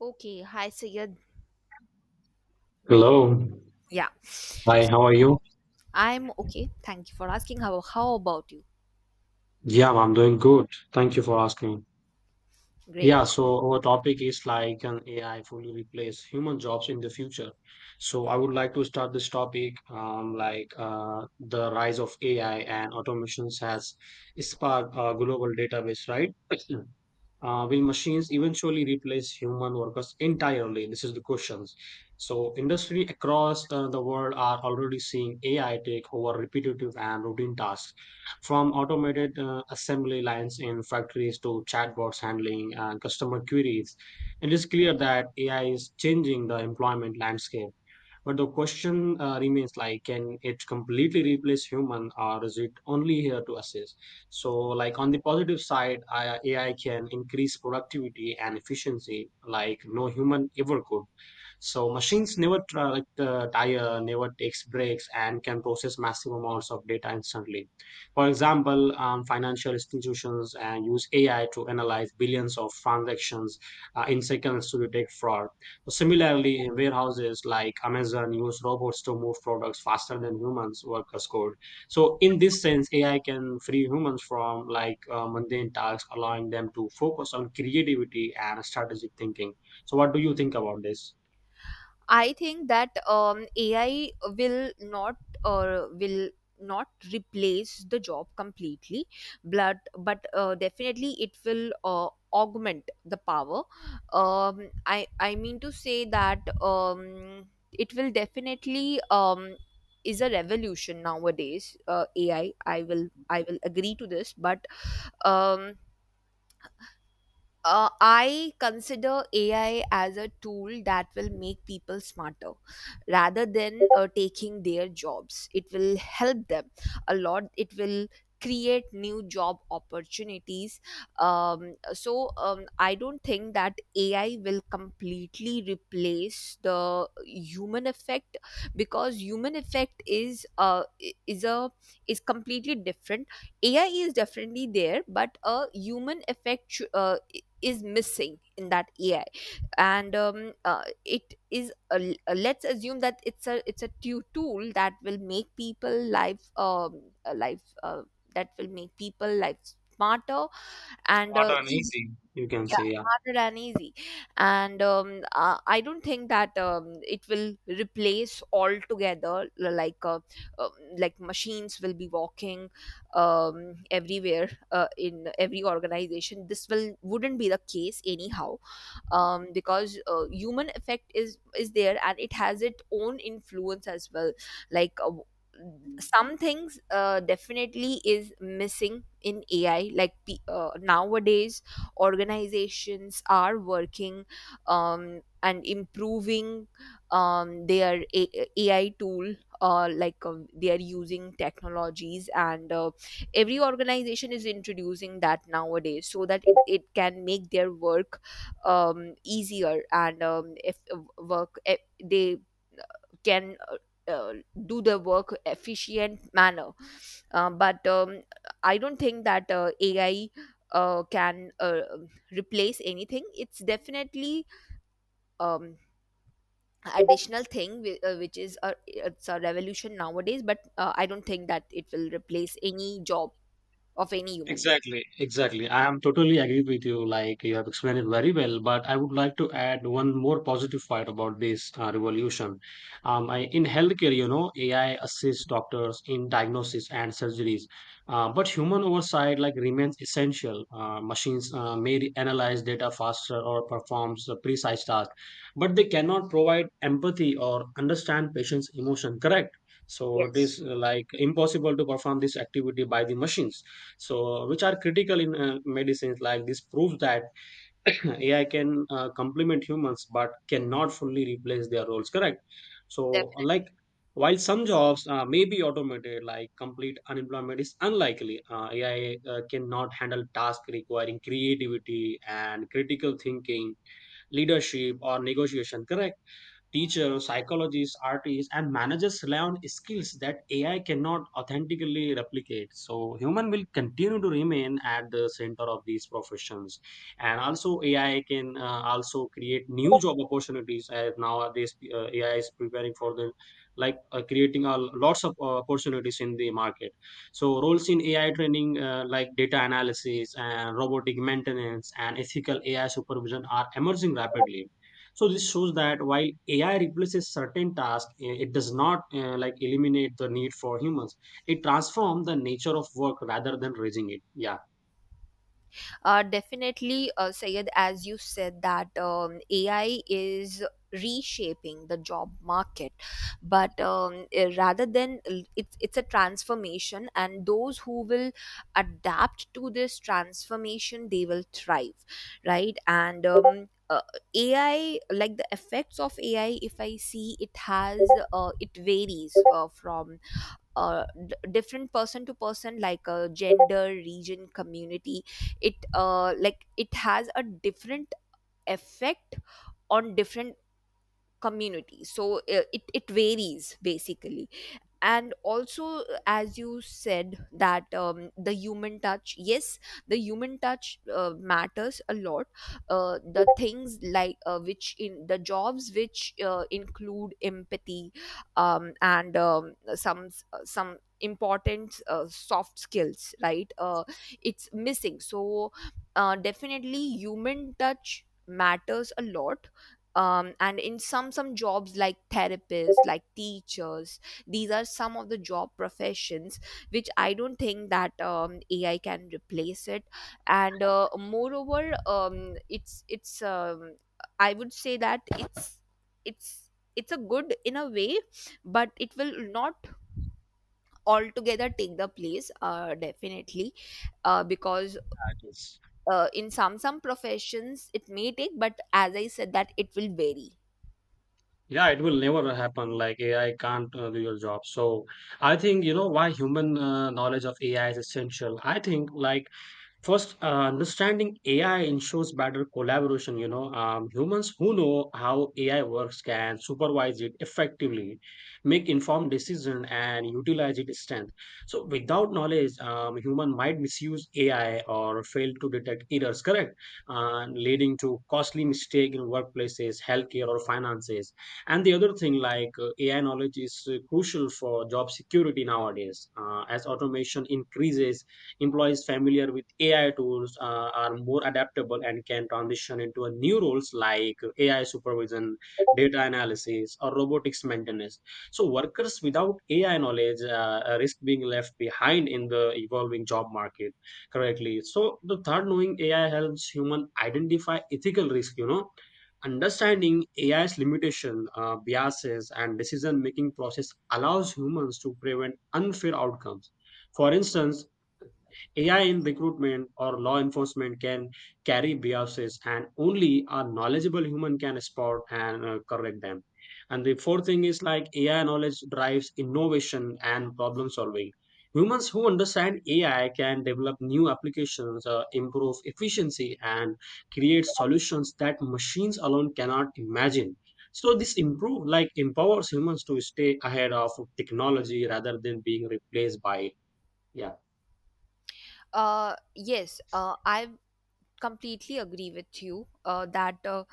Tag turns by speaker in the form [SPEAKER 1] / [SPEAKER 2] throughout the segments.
[SPEAKER 1] Okay, hi Sayed.
[SPEAKER 2] Hello.
[SPEAKER 1] Yeah,
[SPEAKER 2] Hi, how are you?
[SPEAKER 1] I'm okay. Thank you for asking. How about you?
[SPEAKER 2] Yeah, I'm doing good. Thank you for asking.
[SPEAKER 1] Great.
[SPEAKER 2] Yeah, so our topic is like an AI fully replace human jobs in the future. So I would like to start this topic like the rise of AI and automations has sparked a global database, right? Will machines eventually replace human workers entirely? This is the questions. So, industry across the world are already seeing AI take over repetitive and routine tasks, from automated assembly lines in factories to chatbots handling customer queries. It is clear that AI is changing the employment landscape. But the question remains like, can it completely replace human or is it only here to assist? So like on the positive side, AI can increase productivity and efficiency like no human ever could, so machines never tire, never takes breaks, and can process massive amounts of data instantly. For example, financial institutions and use AI to analyze billions of transactions in seconds to detect fraud. So similarly, warehouses like Amazon use robots to move products faster than humans workers could. So in this sense, AI can free humans from like mundane tasks, allowing them to focus on creativity and strategic thinking. So what do you think about this?
[SPEAKER 1] I think that AI will not will not replace the job completely, but definitely it will augment the power. I mean to say that it will definitely is a revolution nowadays. AI. I I will I will agree to this, but um I consider AI as a tool that will make people smarter rather than taking their jobs. It will help them a lot. It will create new job opportunities. I don't think that AI will completely replace the human effect because human effect is is a is completely different. AI is definitely there, but a human effect is missing in that AI, and it is let's assume that it's a tool that will make people life life that will make people life smarter and
[SPEAKER 2] Not an easy, you can
[SPEAKER 1] yeah,
[SPEAKER 2] say.
[SPEAKER 1] smarter and easy, and I don't think that it will replace altogether, like um, like machines will be walking everywhere in every organization. This will wouldn't be the case anyhow, because human effect is there and it has its own influence as well, like some things definitely is missing in AI. Nowadays organizations are working and improving their AI tool, like they are using technologies, and every organization is introducing that nowadays so that it can make their work easier, and if they can uh, do their work efficient manner. But I don't think that AI can replace anything. It's definitely um, additional thing, which is it's a revolution nowadays, but I don't think that it will replace any job of any human being.
[SPEAKER 2] Exactly, exactly. I am totally agree with you. Like you have explained it very well, but I would like to add one more positive part about this revolution. In healthcare, AI assists doctors in diagnosis and surgeries, but human oversight like remains essential. Machines may analyze data faster or performs a precise tasks, but they cannot provide empathy or understand patients' emotion. Correct. So it
[SPEAKER 1] Yes.
[SPEAKER 2] is like impossible to perform this activity by the machines, so which are critical in medicines, like this proves that AI can complement humans but cannot fully replace their roles, correct. So like while some jobs may be automated, like complete unemployment is unlikely. AI cannot handle tasks requiring creativity and critical thinking, leadership or negotiation, correct. Teachers, psychologists, artists, and managers rely on skills that AI cannot authentically replicate. So human will continue to remain at the center of these professions, and also AI can also create new job opportunities. As nowadays, AI is preparing for the, like creating a lots of opportunities in the market. So roles in AI training, like data analysis and robotic maintenance and ethical AI supervision are emerging rapidly, so this shows that while AI replaces certain tasks, it does not like eliminate the need for humans. It transforms the nature of work rather than raising it. Yeah.
[SPEAKER 1] Definitely, Sayed, as you said, that AI is reshaping the job market, but rather than, it's a transformation, and those who will adapt to this transformation, they will thrive, right? and AI, like the effects of AI, if I see, it has it varies from different person to person, like a gender, region, community. It like it has a different effect on different communities, so it varies basically. And also as you said that the human touch, yes, the human touch matters a lot. The things like which in the jobs which include empathy and some important soft skills, right? It's missing. So definitely human touch matters a lot, and in some jobs like therapists, like teachers, these are some of the job professions which I don't think that AI can replace it. And moreover, it's I would say that it's a good in a way, but it will not altogether take the place. Definitely because
[SPEAKER 2] That is.
[SPEAKER 1] in some professions it may take, but as I said, that it will vary.
[SPEAKER 2] Yeah, it will never happen, like AI can't do your job. So I think you know why human knowledge of AI is essential. I think like first, understanding AI ensures better collaboration. Humans who know how AI works can supervise it effectively, make informed decision and utilize its strength. So without knowledge, human might misuse AI or fail to detect errors, correct, and leading to costly mistake in workplaces, healthcare or finances. And the other thing, like AI knowledge is crucial for job security nowadays, as automation increases. Employees familiar with AI tools are more adaptable and can transition into a new roles like AI supervision, data analysis or robotics maintenance. So workers without AI knowledge risk being left behind in the evolving job market, correctly. So the third, knowing AI helps human identify ethical risk, you know. Understanding AI's limitation, biases, and decision-making process allows humans to prevent unfair outcomes. For instance, AI in recruitment or law enforcement can carry biases, and only a knowledgeable human can spot and correct them. And the fourth thing is like AI knowledge drives innovation and problem solving. Humans who understand AI can develop new applications, improve efficiency, and create solutions that machines alone cannot imagine. So this improve like empowers humans to stay ahead of technology rather than being replaced by it. Yeah.
[SPEAKER 1] Yes I have completely agree with you, uh, that uh,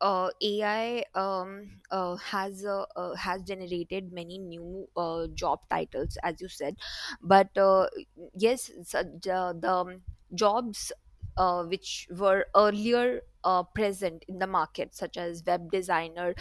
[SPEAKER 1] uh, AI has generated many new job titles, as you said. But Yes, so the jobs which were earlier present in the market, such as web designer,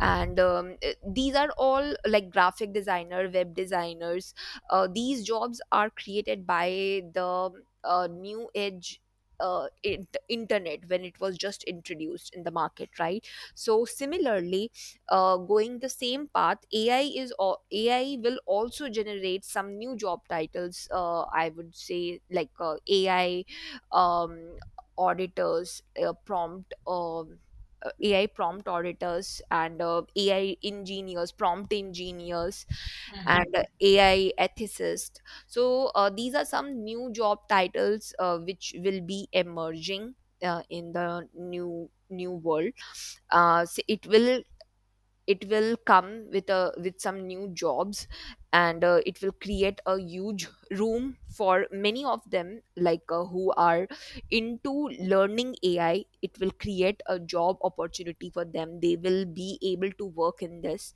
[SPEAKER 1] these are all like graphic designer, web designers, these jobs are created by the new age internet, when it was just introduced in the market, right? So similarly, going the same path, AI will also generate some new job titles. I would say, like ai um, auditors, prompt AI prompt auditors, and AI engineers, prompt engineers, and AI ethicist. So these are some new job titles which will be emerging in the new world. Uh, so it will it will come with a with some new jobs, and it will create a huge room for many of them, like who are into learning AI. It will create a job opportunity for them. They will be able to work in this.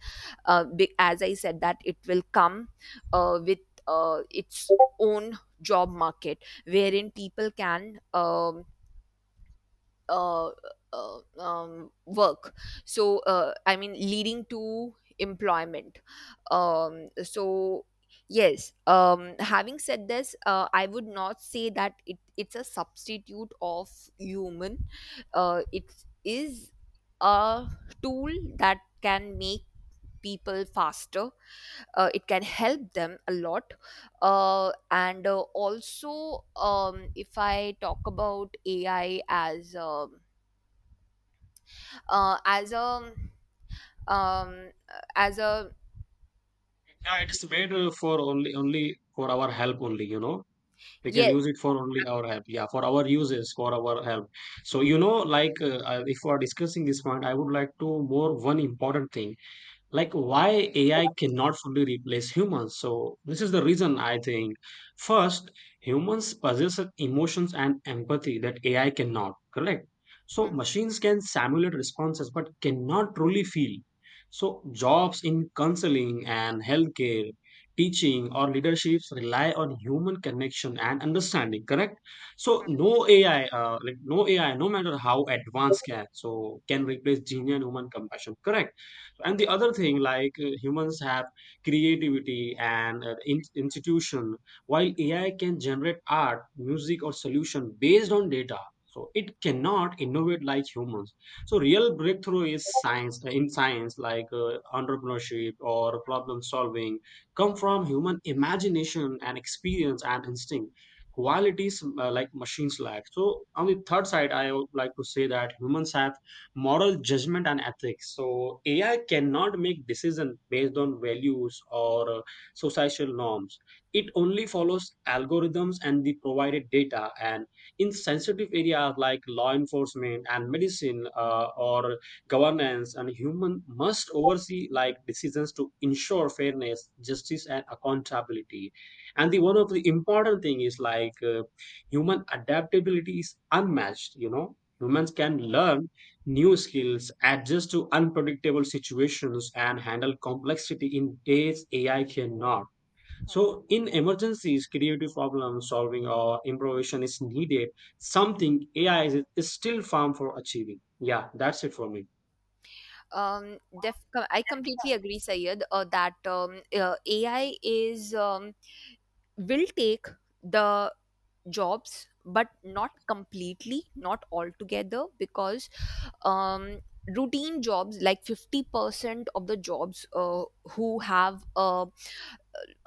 [SPEAKER 1] As I said, that it will come with its own job market, wherein people can uh, work, so I mean, leading to employment. um, so yes, having said this, I would not say that it's a substitute of human. It is a tool that can make people faster. It can help them a lot. And Also, if I talk about AI uh, as a um as a
[SPEAKER 2] Yeah, it's made for only for our help only. We can use
[SPEAKER 1] yes.
[SPEAKER 2] it for only our help. Yeah, for our uses, for our help. So like if we are discussing this point, I would like to more one important thing, like why AI cannot fully replace humans. So this is the reason I think. First, humans possess emotions and empathy that AI cannot, correct? So
[SPEAKER 1] Hmm,
[SPEAKER 2] machines can simulate responses but cannot truly feel. So jobs in counseling and healthcare, teaching or leaderships rely on human connection and understanding, correct? So no AI, like no AI, no matter how advanced can, so can replace genuine human compassion, correct? And the
[SPEAKER 1] correct.
[SPEAKER 2] other thing, like humans have creativity and institution, while AI can generate art music or solution based on data, so it cannot innovate like humans. So real breakthrough is science, in science, like entrepreneurship or problem solving come from human imagination and experience and instinct, qualities like machines lack. So on the third side, I would like to say that humans have moral judgment and ethics, so AI cannot make decisions based on values or societal norms. It only follows algorithms and the provided data. And in sensitive areas like law enforcement and medicine, or governance, and human must oversee like decisions to ensure fairness, justice and accountability. And the one of the important thing is like, human adaptability is unmatched, you know, humans can learn new skills, adjust to unpredictable situations, and handle complexity in ways AI cannot. So, in emergencies, creative problem solving or improvisation is needed, something AI is still farm for achieving. Yeah, that's it for me.
[SPEAKER 1] um I completely agree, Sayed, that AI is, will take the jobs, but not completely, not altogether, because um routine jobs, like 50% of the jobs who have a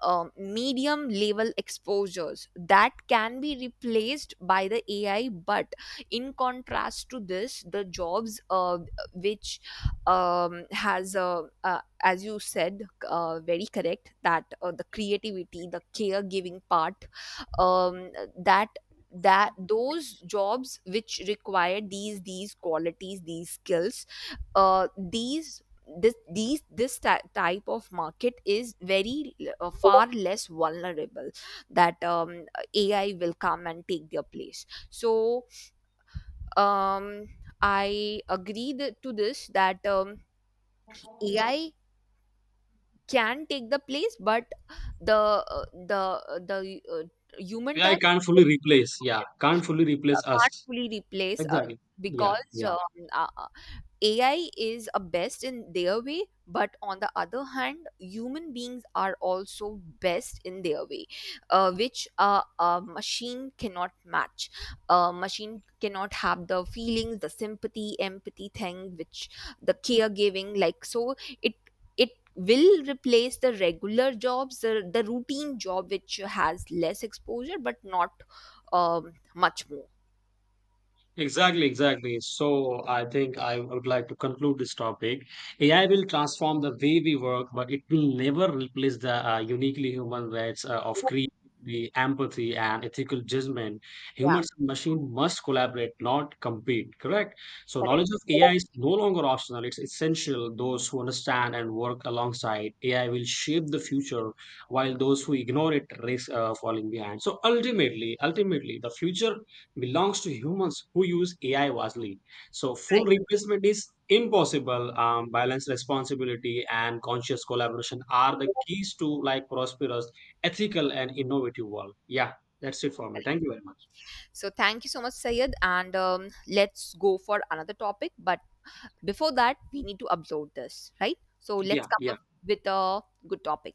[SPEAKER 1] medium level exposures, that can be replaced by the AI. But in contrast to this, the jobs which as you said, very correct, that the creativity, the caregiving part, um, that those jobs which require these qualities, these skills, uh, these type of market is very far less vulnerable, that AI will come and take their place. So um, I agree to this, that AI can take the place, but the uh, the the uh, human
[SPEAKER 2] AI
[SPEAKER 1] touch
[SPEAKER 2] can't fully replace, yeah, can't fully replace us.
[SPEAKER 1] can't fully replace us,
[SPEAKER 2] Exactly. Yeah,
[SPEAKER 1] because
[SPEAKER 2] yeah.
[SPEAKER 1] uh, uh, AI is a best in their way, but on the other hand, human beings are also best in their way, which a machine cannot match. A machine cannot have the feelings, the sympathy, empathy thing, which the caregiving, like, so it it will replace the regular jobs, the routine job which has less exposure but not much more.
[SPEAKER 2] Exactly, exactly. So I think I would like to conclude this topic. AI will transform the way we work, but it will never replace the uniquely human traits of creativity, empathy, and ethical judgment.
[SPEAKER 1] Yeah,
[SPEAKER 2] Humans and machines must collaborate, not compete. Correct. So
[SPEAKER 1] correct.
[SPEAKER 2] knowledge of AI is no longer optional; it's essential. Those who understand and work alongside AI will shape the future, while those who ignore it risk falling behind. So ultimately, the future belongs to humans who use AI wisely. So full replacement is impossible. Balance, responsibility, and conscious collaboration are the
[SPEAKER 1] Correct.
[SPEAKER 2] keys to like prosperous, ethical, and innovative world. Yeah, that's it for me. Thank you very much.
[SPEAKER 1] So thank you so much, Sayed. And let's go for another topic. But before that, we need to upload this, right? So let's
[SPEAKER 2] Yeah,
[SPEAKER 1] come
[SPEAKER 2] yeah.
[SPEAKER 1] up with a good topic.